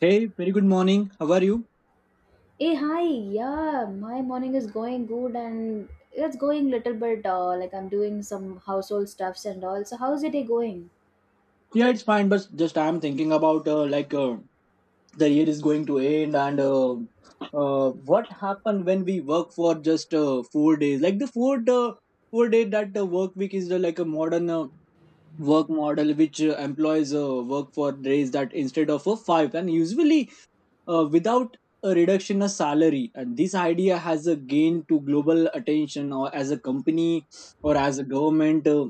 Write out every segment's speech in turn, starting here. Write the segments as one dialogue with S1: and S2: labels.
S1: Hey, very good morning. How are you?
S2: Hey, hi. Yeah, my morning is going good and it's going little bit like I'm doing some household stuffs and all. So how's your day going?
S1: Yeah, it's fine, but just I'm thinking about the year is going to end and what happened when we work for just 4 days? Like the four four day that work week is like a modern work model which employs work for days that instead of five and usually without a reduction of salary. And this idea has a gain to global attention or as a company or as a government.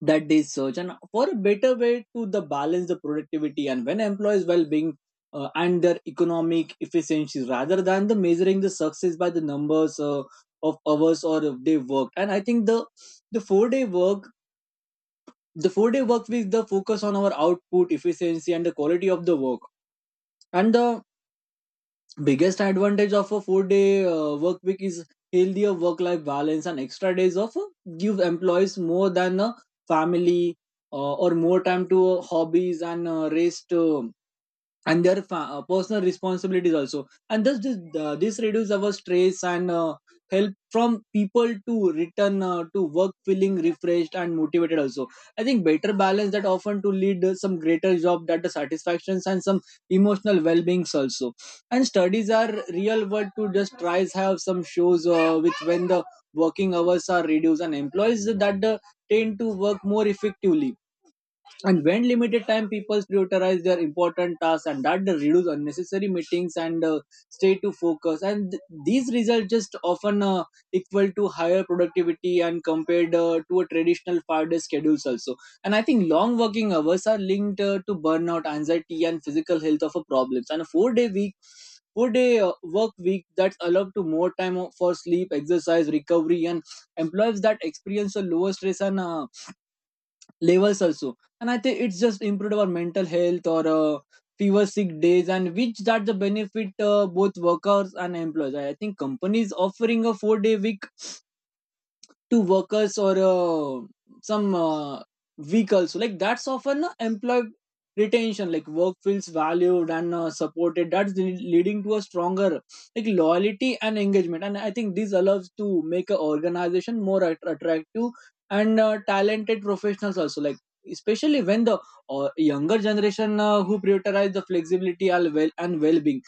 S1: That they search and for a better way to the balance the productivity and when employees well-being and their economic efficiency rather than the measuring the success by the numbers of hours or if they worked. And I think the four day work the 4-day work with the focus on our output efficiency and the quality of the work and the biggest advantage of a 4-day work week is healthier work life balance, and extra days off give employees more than a family, or more time to hobbies and rest and personal responsibilities also. And thus this reduce our stress and help from people to return to work feeling refreshed and motivated also. I think better balance that often to lead some greater job that the satisfactions and some emotional well-beings also. And studies are real world to just tries have some shows with when the working hours are reduced and employees that tend to work more effectively, and when limited time people prioritize their important tasks and that they reduce unnecessary meetings and stay to focus, and these results just often equal to higher productivity and compared to a traditional 5-day schedules also. And I think long working hours are linked to burnout anxiety and physical health of a problems, and a four day work week that's allowed to more time for sleep exercise recovery, and employees that experience a lower stress and levels also. And I think it's just improved our mental health or fewer sick days and which that the benefit both workers and employees. I think companies offering a 4-day week to workers or some weak also like that's often employee retention like work feels valued and supported that's leading to a stronger like loyalty and engagement. And I think this allows to make an organization more attractive and talented professionals also, like especially when the younger generation who prioritize the flexibility and well and well-being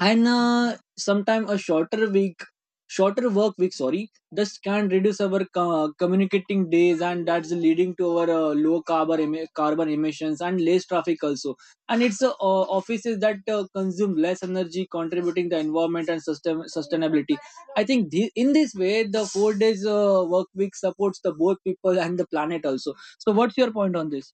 S1: and sometime a shorter work week, sorry, this can reduce our communicating days and that's leading to our low carbon carbon emissions and less traffic also. And it's offices that consume less energy contributing the environment and system sustainability. I think in this way the 4-day work week supports the both people and the planet also. So what's your point on this?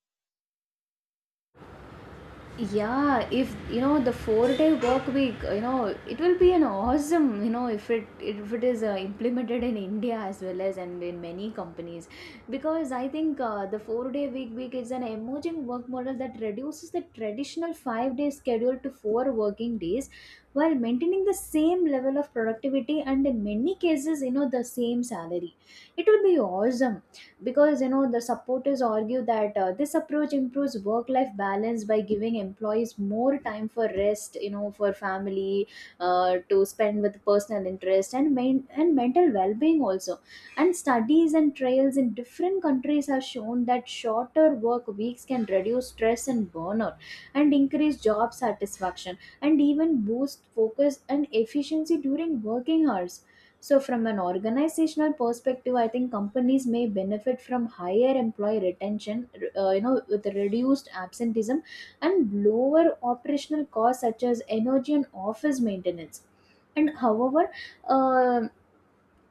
S2: Yeah, if you know the 4 day work week it will be an awesome. If it is implemented in india as well as and in many companies, because I think the four day week is an emerging work model that reduces the traditional 5 day schedule to four working days while maintaining the same level of productivity and in many cases, the same salary. It will be awesome, because the supporters argue that this approach improves work life balance by giving employees more time for rest, for family, to spend with personal interest and mental well being also. And studies and trials in different countries have shown that shorter work weeks can reduce stress and burnout and increase job satisfaction and even boost focus and efficiency during working hours. So, from an organizational perspective, I think companies may benefit from higher employee retention, with reduced absenteeism and lower operational costs such as energy and office maintenance. And however, uh,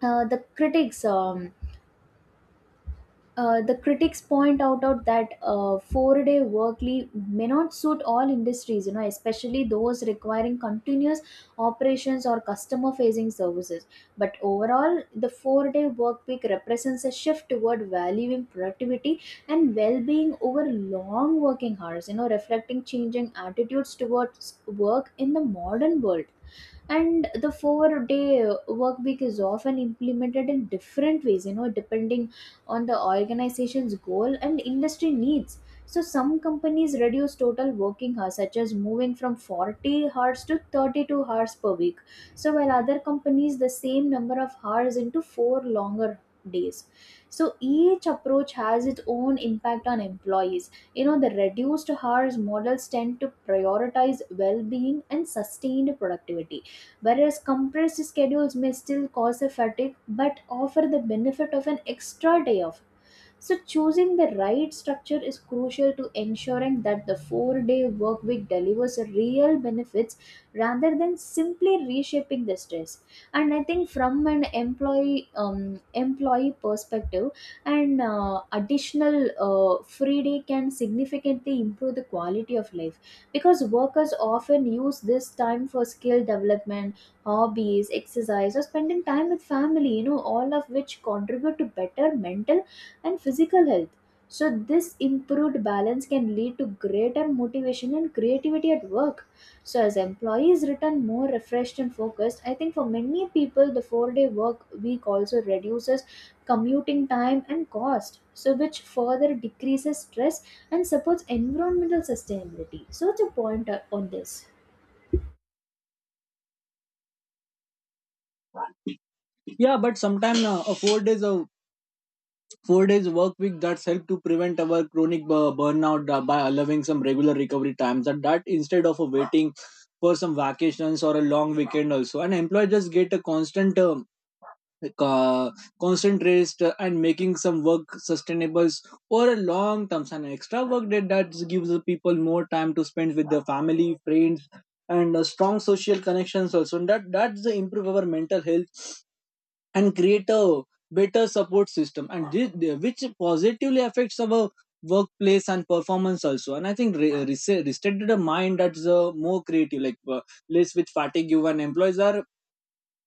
S2: uh, the critics, um, the critics point out that four-day work leave may not suit all industries, especially those requiring continuous operations or customer-facing services. But overall, the four-day work week represents a shift toward valuing productivity and well-being over long working hours, reflecting changing attitudes towards work in the modern world. And the 4 day work week is often implemented in different ways, depending on the organization's goal and industry needs. So some companies reduce total working hours such as moving from 40 hours to 32 hours per week, so while other companies the same number of hours into four longer days. So each approach has its own impact on employees. The reduced hours models tend to prioritize well-being and sustained productivity, whereas compressed schedules may still cause a fatigue but offer the benefit of an extra day off. So, choosing the right structure is crucial to ensuring that the 4 day work week delivers real benefits rather than simply reshaping the stress. And I think, from an employee perspective, an additional free day can significantly improve the quality of life, because workers often use this time for skill development, hobbies, exercise, or spending time with family, all of which contribute to better mental and physical health. So, this improved balance can lead to greater motivation and creativity at work. So, as employees return more refreshed and focused, I think for many people, the 4 day work week also reduces commuting time and cost, so which further decreases stress and supports environmental sustainability. So, what's your point on this?
S1: Yeah, but sometimes a four days of 4-day work week that's helped to prevent our chronic burnout by allowing some regular recovery times and that instead of waiting for some vacations or a long weekend also. And employee just get a constant like, uh, constant rest and making some work sustainable or a long terms, and extra work that gives the people more time to spend with their family friends and strong social connections also. And that's the improve our mental health and create a better support system, and which positively affects our workplace and performance also. And I think resetted a mind that's more creative, like less with fatigue, and employees are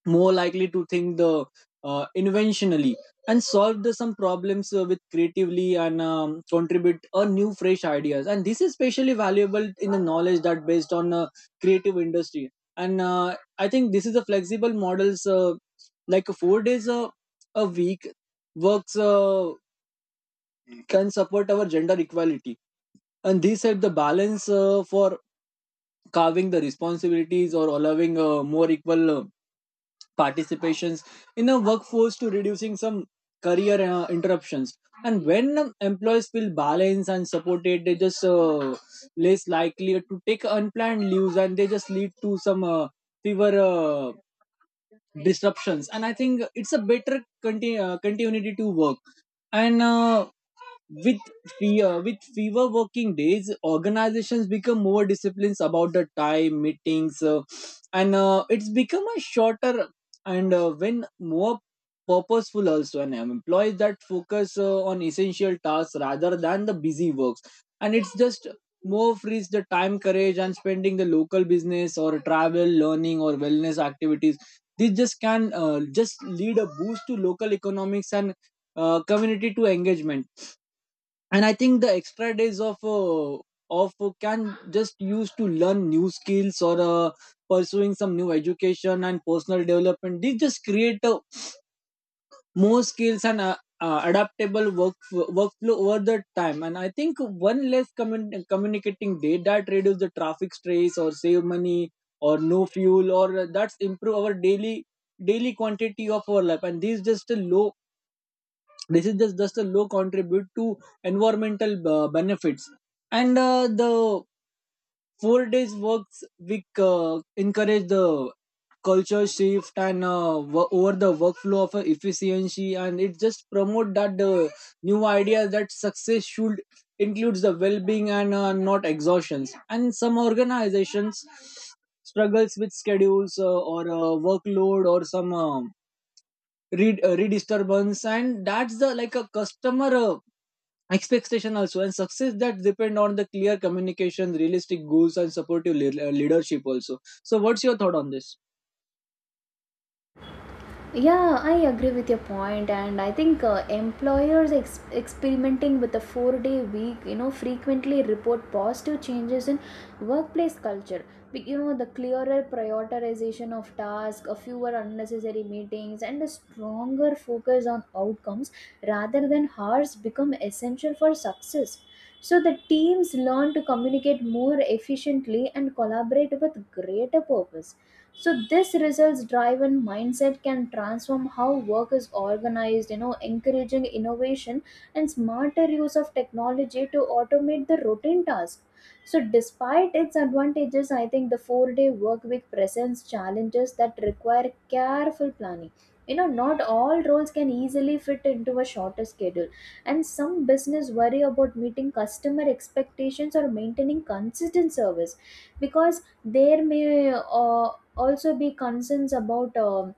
S1: more likely to think the inventionally and solve the some problems with creatively and contribute a new fresh ideas. And this is especially valuable in the knowledge that based on creative industry. And I think this is a flexible models like a four days a week works can support our gender equality, and this help the balance for carving the responsibilities or allowing more equal participations in a workforce to reducing some career interruptions. And when employees feel balanced and supported they just less likely to take unplanned leaves, and they just lead to some fewer disruptions, and I think it's a better continuity to work. And uh, with fear, with fewer working days, organizations become more disciplined about the time, meetings, and it's become a shorter and when more purposeful also. And employees that focus on essential tasks rather than the busy works, and it's just more frees the time, courage, and spending the local business or travel, learning, or wellness activities. This just can just lead a boost to local economics and community to engagement. And I think the extra days of can just use to learn new skills or pursuing some new education and personal development. These just create more skills and adaptable work workflow over the time. And I think one less communicating day that reduce the traffic stress or save money or no fuel, or that's improve our daily quantity of our life. And these just a low this is just a low contribute to environmental benefits. And the 4 days works week encourage the culture shift and over the workflow of efficiency, and it just promote that the new ideas that success should includes the well-being and not exhaustions. And some organizations struggles with schedules or workload or some read redisturbance, and that's the like a customer expectation also. And success that depend on the clear communication realistic goals and supportive leadership also. So what's your thought on this?
S2: Yeah, I agree with your point, and I think employers experimenting with a four-day week, frequently report positive changes in workplace culture. The clearer prioritization of tasks, a fewer unnecessary meetings, and a stronger focus on outcomes rather than hours become essential for success. So the teams learn to communicate more efficiently and collaborate with greater purpose. So this results driven mindset can transform how work is organized, encouraging innovation and smarter use of technology to automate the routine tasks. So despite its advantages, I think the 4 day work week presents challenges that require careful planning. Not all roles can easily fit into a shorter schedule, and some business worry about meeting customer expectations or maintaining consistent service, because there may also be concerns about um,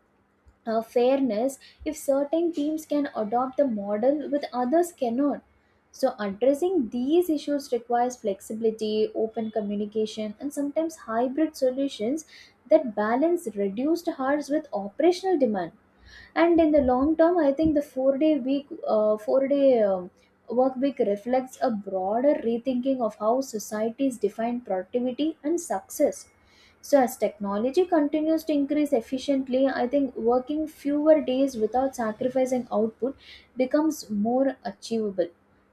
S2: uh, fairness, if certain teams can adopt the model with others cannot. So addressing these issues requires flexibility, open communication, and sometimes hybrid solutions that balance reduced hours with operational demand. And in the long term, I think the four day work week reflects a broader rethinking of how societies define productivity and success. So as technology continues to increase efficiently, I think working fewer days without sacrificing output becomes more achievable.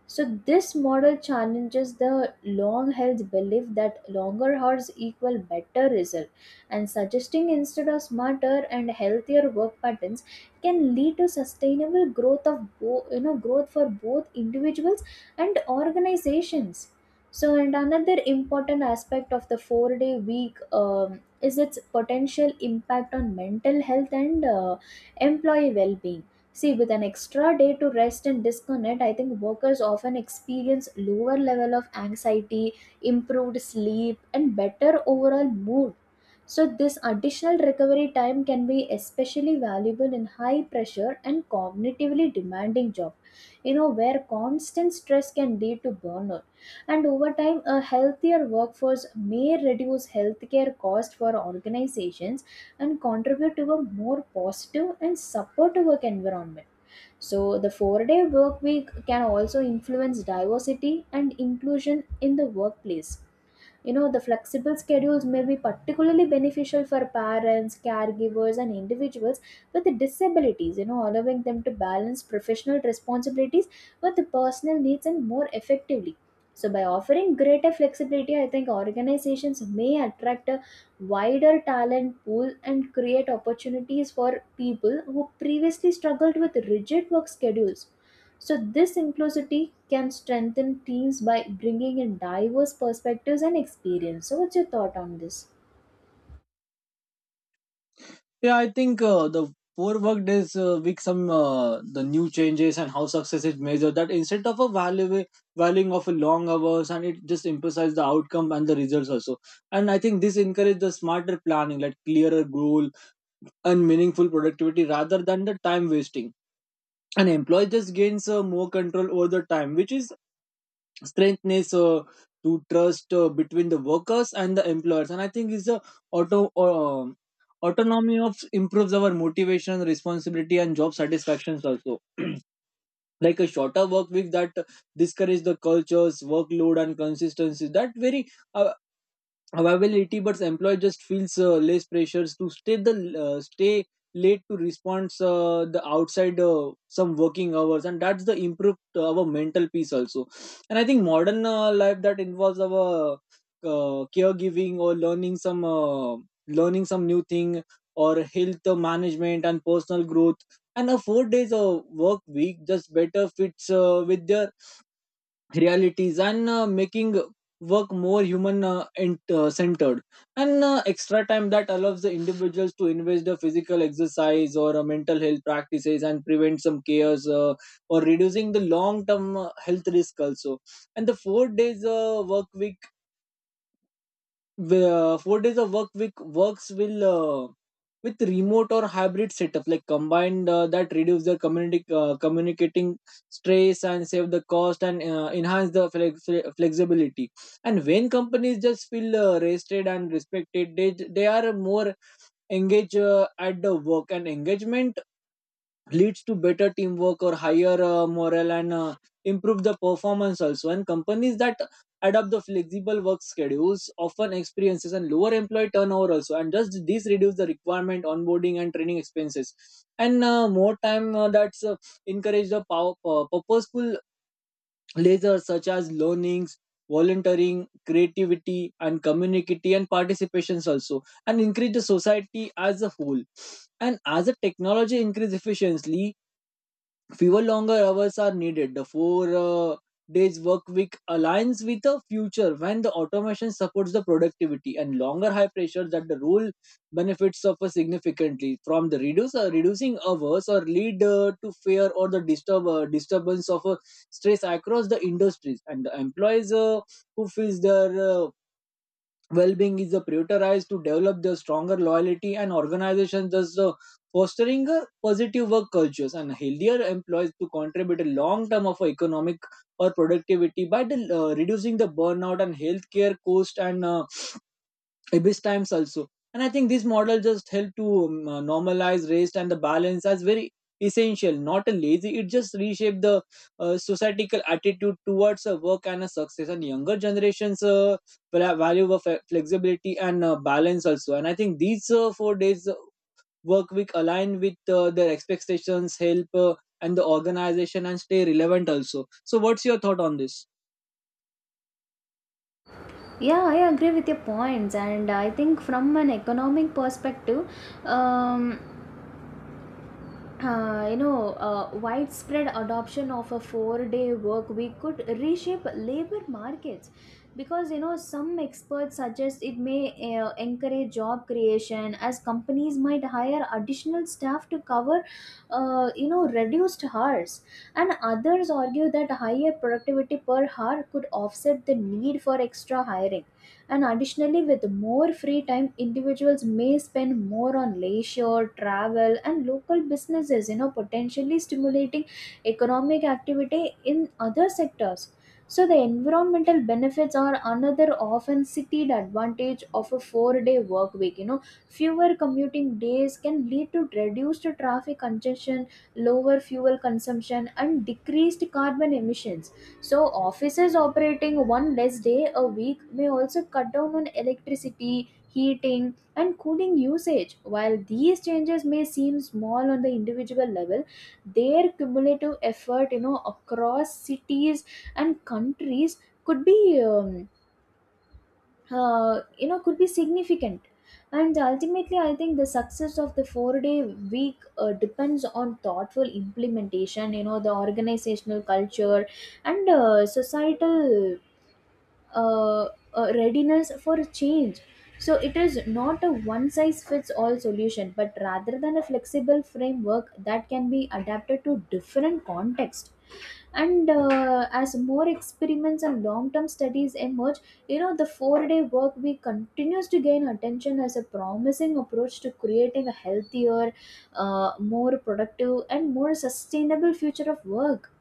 S2: So this model challenges the long held belief that longer hours equal better result, and suggesting instead of smarter and healthier work patterns can lead to sustainable growth of bo- you know growth for both individuals and organizations. So, and another important aspect of the 4 day week is its potential impact on mental health and employee well being. See, with an extra day to rest and disconnect, I think workers often experience lower level of anxiety, improved sleep, and better overall mood. So, this additional recovery time can be especially valuable in high pressure and cognitively demanding job, where constant stress can lead to burnout. And over time, a healthier workforce may reduce healthcare costs for organizations and contribute to a more positive and supportive work environment. So, the 4 day work week can also influence diversity and inclusion in the workplace. The flexible schedules may be particularly beneficial for parents, caregivers, and individuals with disabilities, allowing them to balance professional responsibilities with the personal needs and more effectively. So, by offering greater flexibility, I think organizations may attract a wider talent pool and create opportunities for people who previously struggled with rigid work schedules. So, this inclusivity can strengthen teams by bringing in diverse perspectives and experience. So, what's your thought on this?
S1: Yeah, I think the four work days week some the new changes and how success is measured that instead of a value valuing of a long hours, and it just emphasizes the outcome and the results also. And I think this encourage the smarter planning, like clearer goal and meaningful productivity rather than the time wasting. And employee just gains more control over the time, which is strengthness to trust between the workers and the employers. And I think is the auto um autonomy of improves our motivation responsibility and job satisfactions also, like a shorter work week that discourage the cultures workload and consistency that very uh, availability. But employee just feels less pressures to stay late to response the outside some working hours, and that's the improved our mental peace also. And I think modern life that involves our caregiving or learning some new thing or health management and personal growth. And a 4 days of work week just better fits with their realities and making work more human and centered. And extra time that allows the individuals to invest the physical exercise or mental health practices and prevent some chaos or reducing the long term health risk also. And the 4-day work week, where 4 days of work week works will uh, with remote or hybrid setup like combined that reduce their community communicating stress and save the cost and enhance the flexibility. And when companies just feel rested and respected, they are more engaged at the work, and engagement leads to better teamwork or higher morale and improve the performance also. And companies that adopt the flexible work schedules often experiences and lower employee turnover also, and just this reduce the requirement onboarding and training expenses. And more time that's encourage the purposeful leisure such as learnings volunteering creativity and community and participations also, and increase the society as a whole. And as the technology increase efficiently, fewer longer hours are needed. The four days work week aligns with a future when the automation supports the productivity and longer high pressure that the rule benefits suffer significantly from the reduce reducing hours or lead to fear or the disturbance of stress across the industries and the employees who feels their well-being is prioritized to develop the stronger loyalty and organizations thus fostering positive work cultures and healthier employees to contribute a long term of economic or productivity by reducing the burnout and healthcare cost and abyss times also. And I think this model just helped to normalize rest and the balance as very essential, not a lazy, it just reshaped the societal attitude towards a work and a success. And younger generations value of flexibility and balance also. And I think these 4 days work week align with their expectations help and the organization and stay relevant also. So what's your thought on this?
S2: Yeah, I agree with your points, and I think from an economic perspective, um, widespread adoption of a four-day work week could reshape labor markets, because some experts suggest it may encourage job creation as companies might hire additional staff to cover reduced hours, and others argue that higher productivity per hour could offset the need for extra hiring. And additionally, with more free time, individuals may spend more on leisure, travel, and local businesses, potentially stimulating economic activity in other sectors. So, the environmental benefits are another often cited advantage of a 4 day work week. Fewer commuting days can lead to reduced traffic congestion, lower fuel consumption, and decreased carbon emissions. So, offices operating one less day a week may also cut down on electricity, heating, and cooling usage. While these changes may seem small on the individual level, their cumulative effort, across cities and countries, could be could be significant and ultimately I think the success of the 4 day week depends on thoughtful implementation. The organizational culture and societal uh, readiness for change. So it is not a one size fits all solution but rather than a flexible framework that can be adapted to different context. And as more experiments and long-term studies emerge, the four-day work week continues to gain attention as a promising approach to creating a healthier, more productive, and more sustainable future of work.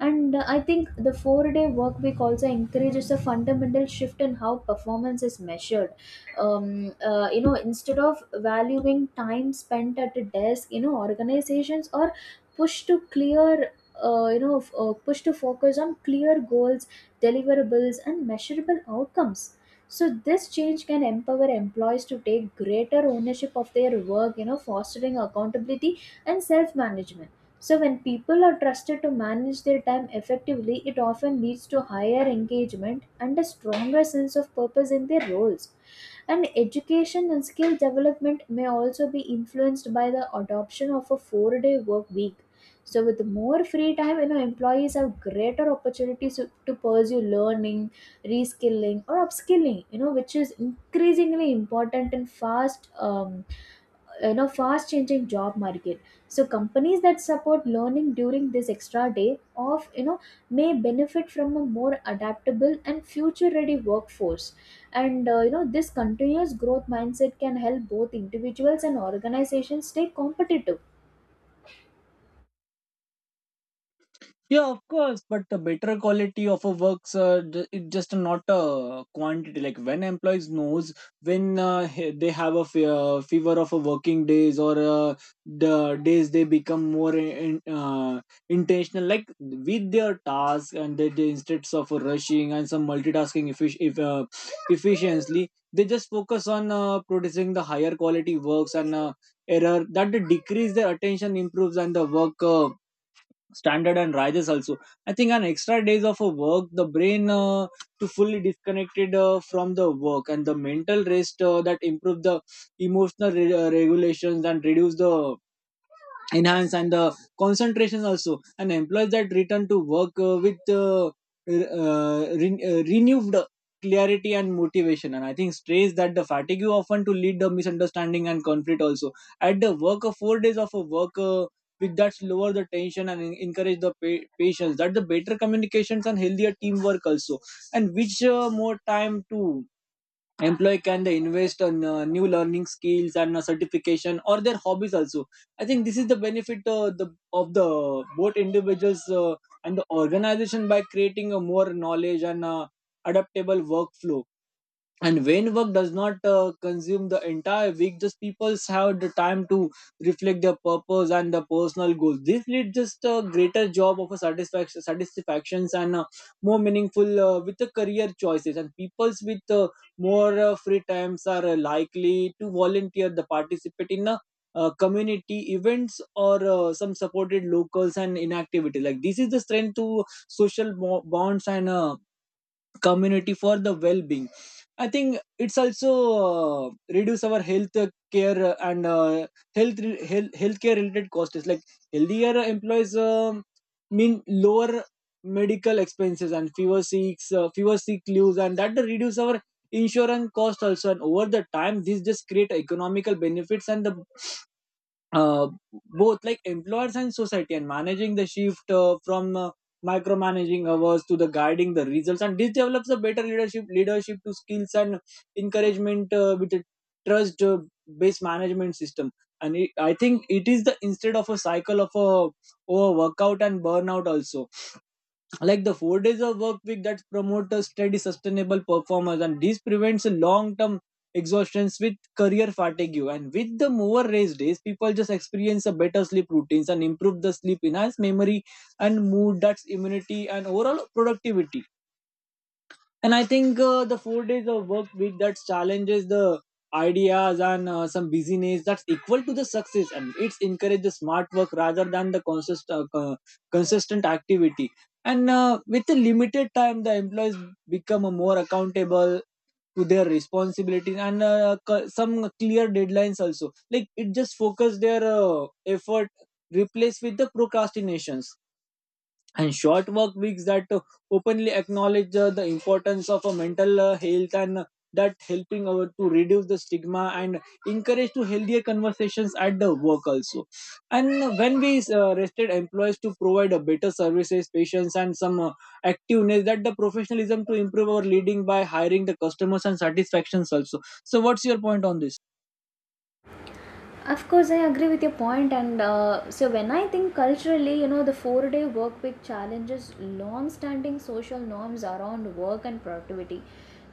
S2: And I think the 4 day work week also encourages a fundamental shift in how performance is measured. Instead of valuing time spent at a desk, organizations are pushed to clear. Push to focus on clear goals, deliverables, and measurable outcomes. So this change can empower employees to take greater ownership of their work, fostering accountability and self management. So, when people are trusted to manage their time effectively, it often leads to higher engagement and a stronger sense of purpose in their roles. And education and skill development may also be influenced by the adoption of a 4 day work week. So with more free time, employees have greater opportunities to pursue learning, reskilling or upskilling, which is increasingly important in fast you know fast changing job market. So companies that support learning during this extra day off, may benefit from a more adaptable and future ready workforce. And this continuous growth mindset can help both individuals and organizations stay competitive.
S1: Yeah, of course, but the better quality of a works it just not a quantity. Like when employees knows when they have a fever of a working days or the days they become more intentional, like with their task and they instead of rushing and some multitasking effic- if, efficiently, they just focus on producing the higher quality works and error that decrease their attention improves and the work. Standard and rises also. I think an extra days of a work the brain to fully disconnected from the work and the mental rest that improve the emotional regulations and reduce the enhance and the concentration also. And employees that return to work with renewed clarity and motivation. And I think stress that the fatigue often to lead the misunderstanding and conflict also at the work of 4 days of a work with that lower the tension and encourage the patience that the better communications and healthier teamwork also. And which more time to employee can they invest on new learning skills and certification or their hobbies also. I think this is the benefit of the both individuals and the organization by creating a more knowledge and adaptable workflow. And when work does not consume the entire week, just people have the time to reflect their purpose and the personal goals. This leads just a greater job of a satisfactions and more meaningful with the career choices. And peoples with more free times are likely to volunteer the participate in community events or some supported locals and inactivity like this is the strength to social bonds and community for the well-being. I think it's also uh, reduce our health care and health health healthcare related costs. It's like healthier employees mean lower medical expenses and fewer seeks fewer sick leaves and that reduce our insurance cost also. And over the time this just create economical benefits and the uh, both like employers and society. And managing the shift from micromanaging hours to the guiding the results and this develops a better leadership to skills and encouragement with a trust based management system. And I think it is the instead of a cycle of a over workout and burnout also, like the 4 days of work week that promote a steady sustainable performance. And this prevents a long-term exhaustions with career fatigue. And with the more rest days people just experience a better sleep routines and improve the sleep, enhance memory and mood, that's immunity and overall productivity. And I think the 4 days of work week that challenges the ideas and some busyness that's equal to the success and it's encourages smart work rather than the consistent activity. And with the limited time, the employees become more accountable to their responsibilities and some clear deadlines also. Like it just focus their effort replaced with the procrastinations. And short work weeks that openly acknowledge the importance of mental health and that helping to reduce the stigma and encourage to healthier conversations at the work also. And when we rested employees to provide a better services patience and some activeness that the professionalism to improve our leading by hiring the customers and satisfactions also. So what's your point on this?
S2: Of course, I agree with your point, and so when I think culturally, the four-day work week challenges long-standing social norms around work and productivity,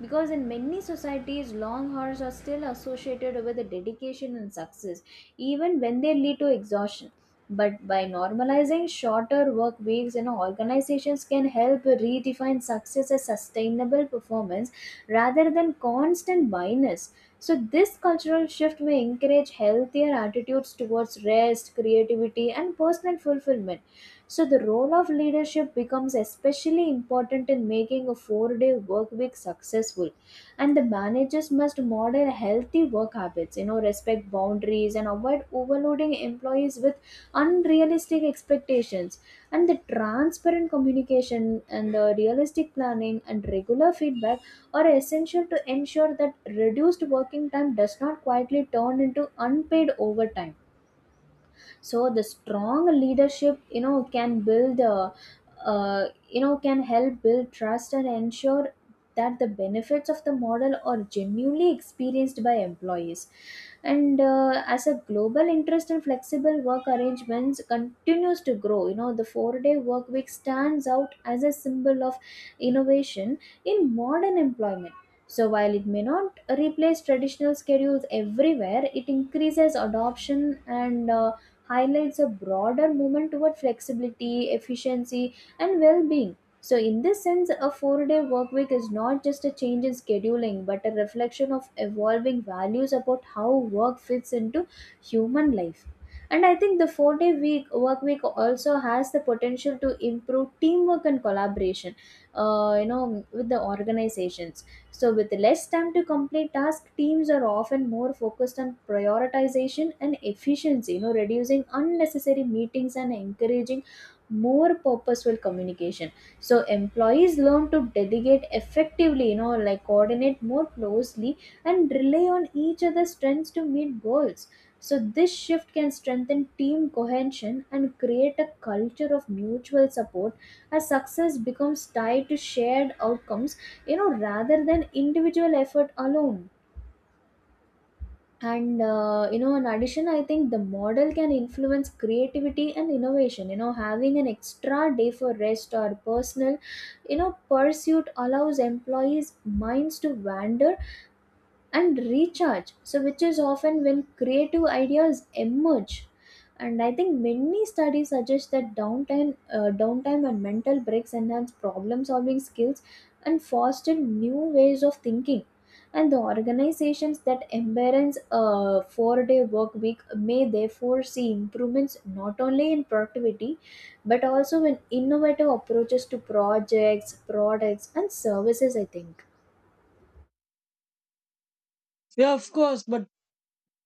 S2: because in many societies, long hours are still associated with the dedication and success, even when they lead to exhaustion. But by normalizing shorter work weeks, organizations can help redefine success as sustainable performance rather than constant minus. So, this cultural shift may encourage healthier attitudes towards rest, creativity, and personal fulfillment. So, the role of leadership becomes especially important in making a 4 day work week successful. And the managers must model healthy work habits, respect boundaries, and avoid overloading employees with unrealistic expectations. And the transparent communication and the realistic planning and regular feedback are essential to ensure that reduced working time does not quietly turn into unpaid overtime. So the strong leadership, you know, can build can help build trust and ensure that the benefits of the model are genuinely experienced by employees. And as a global interest in flexible work arrangements continues to grow, you know, the 4 day work week stands out as a symbol of innovation in modern employment. So while it may not replace traditional schedules everywhere, it increases adoption and highlights a broader movement toward flexibility, efficiency, and well being. So, in this sense, a 4 day work week is not just a change in scheduling but a reflection of evolving values about how work fits into human life. And I think the 4 day week work week also has the potential to improve teamwork and collaboration, you know, with the organizations. So, with less time to complete tasks, teams are often more focused on prioritization and efficiency, you know, reducing unnecessary meetings and encouraging more purposeful communication. So, employees learn to delegate effectively, you know, like coordinate more closely and rely on each other's strengths to meet goals. So, this shift can strengthen team cohesion and create a culture of mutual support as success becomes tied to shared outcomes, you know, rather than individual effort alone. And you know, in addition, I think the model can influence creativity and innovation, you know, having an extra day for rest or personal, you know, pursuit allows employees minds to wander and recharge, so which is often when creative ideas emerge. And I think many studies suggest that downtime and mental breaks enhance problem solving skills and foster new ways of thinking. And the organizations that embrace a 4 day work week may therefore see improvements not only in productivity but also in innovative approaches to projects products and services, I think.
S1: Yeah, of course, but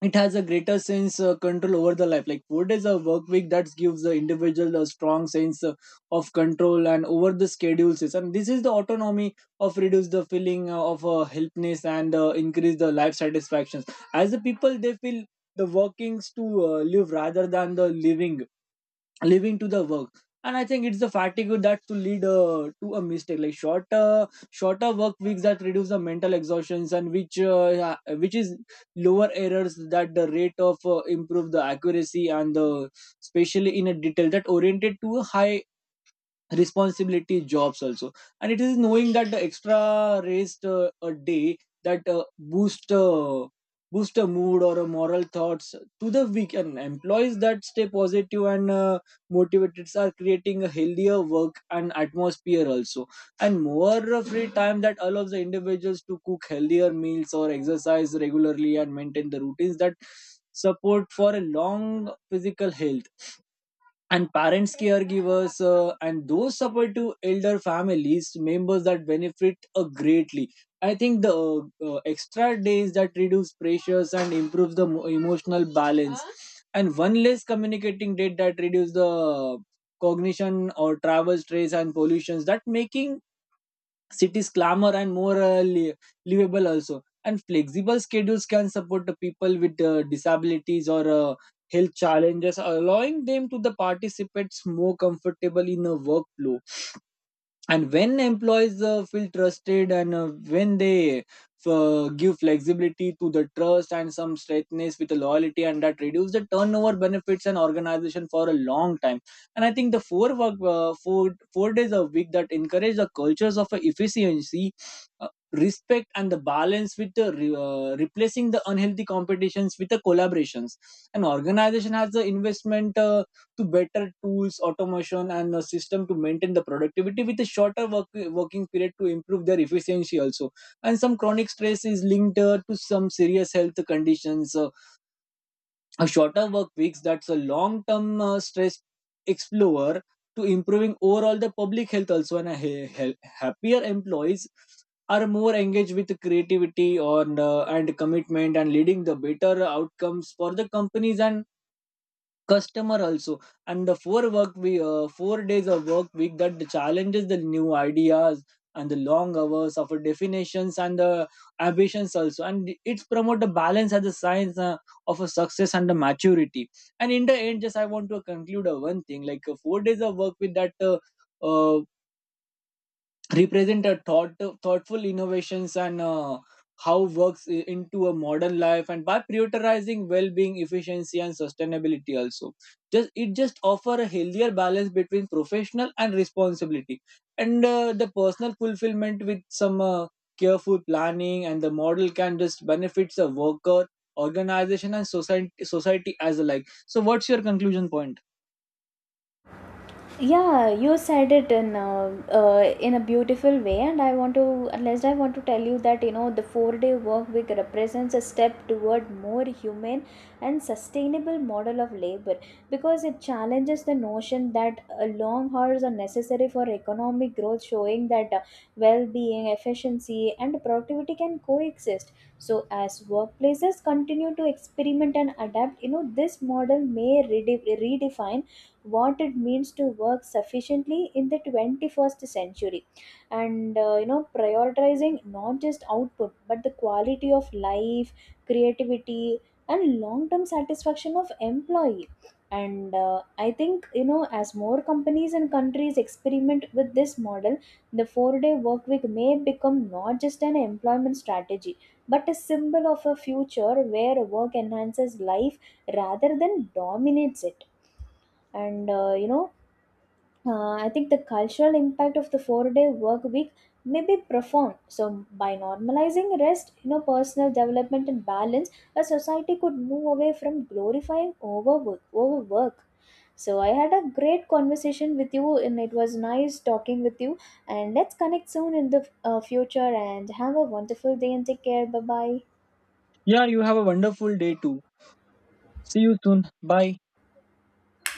S1: it has a greater sense control over the life, like 4 days of work week that gives the individual a strong sense of control and over the schedules, and this is the autonomy of reduce the feeling of helplessness and increase the life satisfactions as the people they feel the workings to live rather than the living living to the work. And I think it's the fatigue that to lead to a mistake, like shorter work weeks that reduce the mental exhaustions, and which which is lower errors that the rate of improve the accuracy and the, especially in a detail that oriented to a high responsibility jobs also. And it is knowing that the extra rest a day that boost a mood or a moral thoughts to the week and employees that stay positive and motivated are creating a healthier work and atmosphere also. And more free time that allows the individuals to cook healthier meals or exercise regularly and maintain the routines that support for a long physical health. And parents caregivers and those support to elder families members that benefit greatly. I think the extra days that reduce pressures and improves the emotional balance. And one less communicating date that reduce the cognition or travel stress and pollutions that making cities clamor and more livable also. And flexible schedules can support the people with disabilities or health challenges, allowing them to the participate more comfortable in a workflow. And when employees feel trusted and when they give flexibility to the trust and some straightness with the loyalty and that reduce the turnover benefits an organization for a long time. And I think the four work four four days a week that encourage the cultures of efficiency, uh, respect and the balance with the replacing the unhealthy competitions with the collaborations. An organization has the investment to better tools, automation, and a system to maintain the productivity with a shorter working period to improve their efficiency also. And some chronic stress is linked to some serious health conditions. A shorter work weeks, that's a long-term stress explorer to improving overall the public health also. And a happier employees are more engaged with creativity on and commitment and leading the better outcomes for the companies and customer also. And the 4 days of work week that challenges the new ideas and the long hours of definitions and the ambitions also, and it's promote the balance as a sign of a success and the maturity. And in the end just I want to conclude one thing, like 4 days of work with that uh, represent a thoughtful innovations and how works into a modern life and by prioritizing well-being, efficiency and sustainability also. Just it just offer a healthier balance between professional and responsibility and the personal fulfillment with some careful planning and the model can just benefits a worker organization and society as alike. So what's your conclusion point?
S2: Yeah, you said it in a beautiful way, and I want to, at least I want to tell you that, you know, the four-day work week represents a step toward more human and sustainable model of labor because it challenges the notion that long hours are necessary for economic growth, showing that well-being, efficiency, and productivity can coexist. So, as workplaces continue to experiment and adapt, you know, this model may redefine what it means to work sufficiently in the 21st century. And you know, prioritizing not just output but the quality of life, creativity, and long term satisfaction of employee. And I think, you know, as more companies and countries experiment with this model, the 4 day work week may become not just an employment strategy but a symbol of a future where work enhances life rather than dominates it. And I think the cultural impact of the 4 day work week may be profound. So by normalizing rest, you know, personal development and balance, a society could move away from glorifying overwork. So I had a great conversation with you and it was nice talking with you, and let's connect soon in the future, and have a wonderful day, and take care. Bye bye.
S1: Yeah, you have a wonderful day too. See you soon. Bye.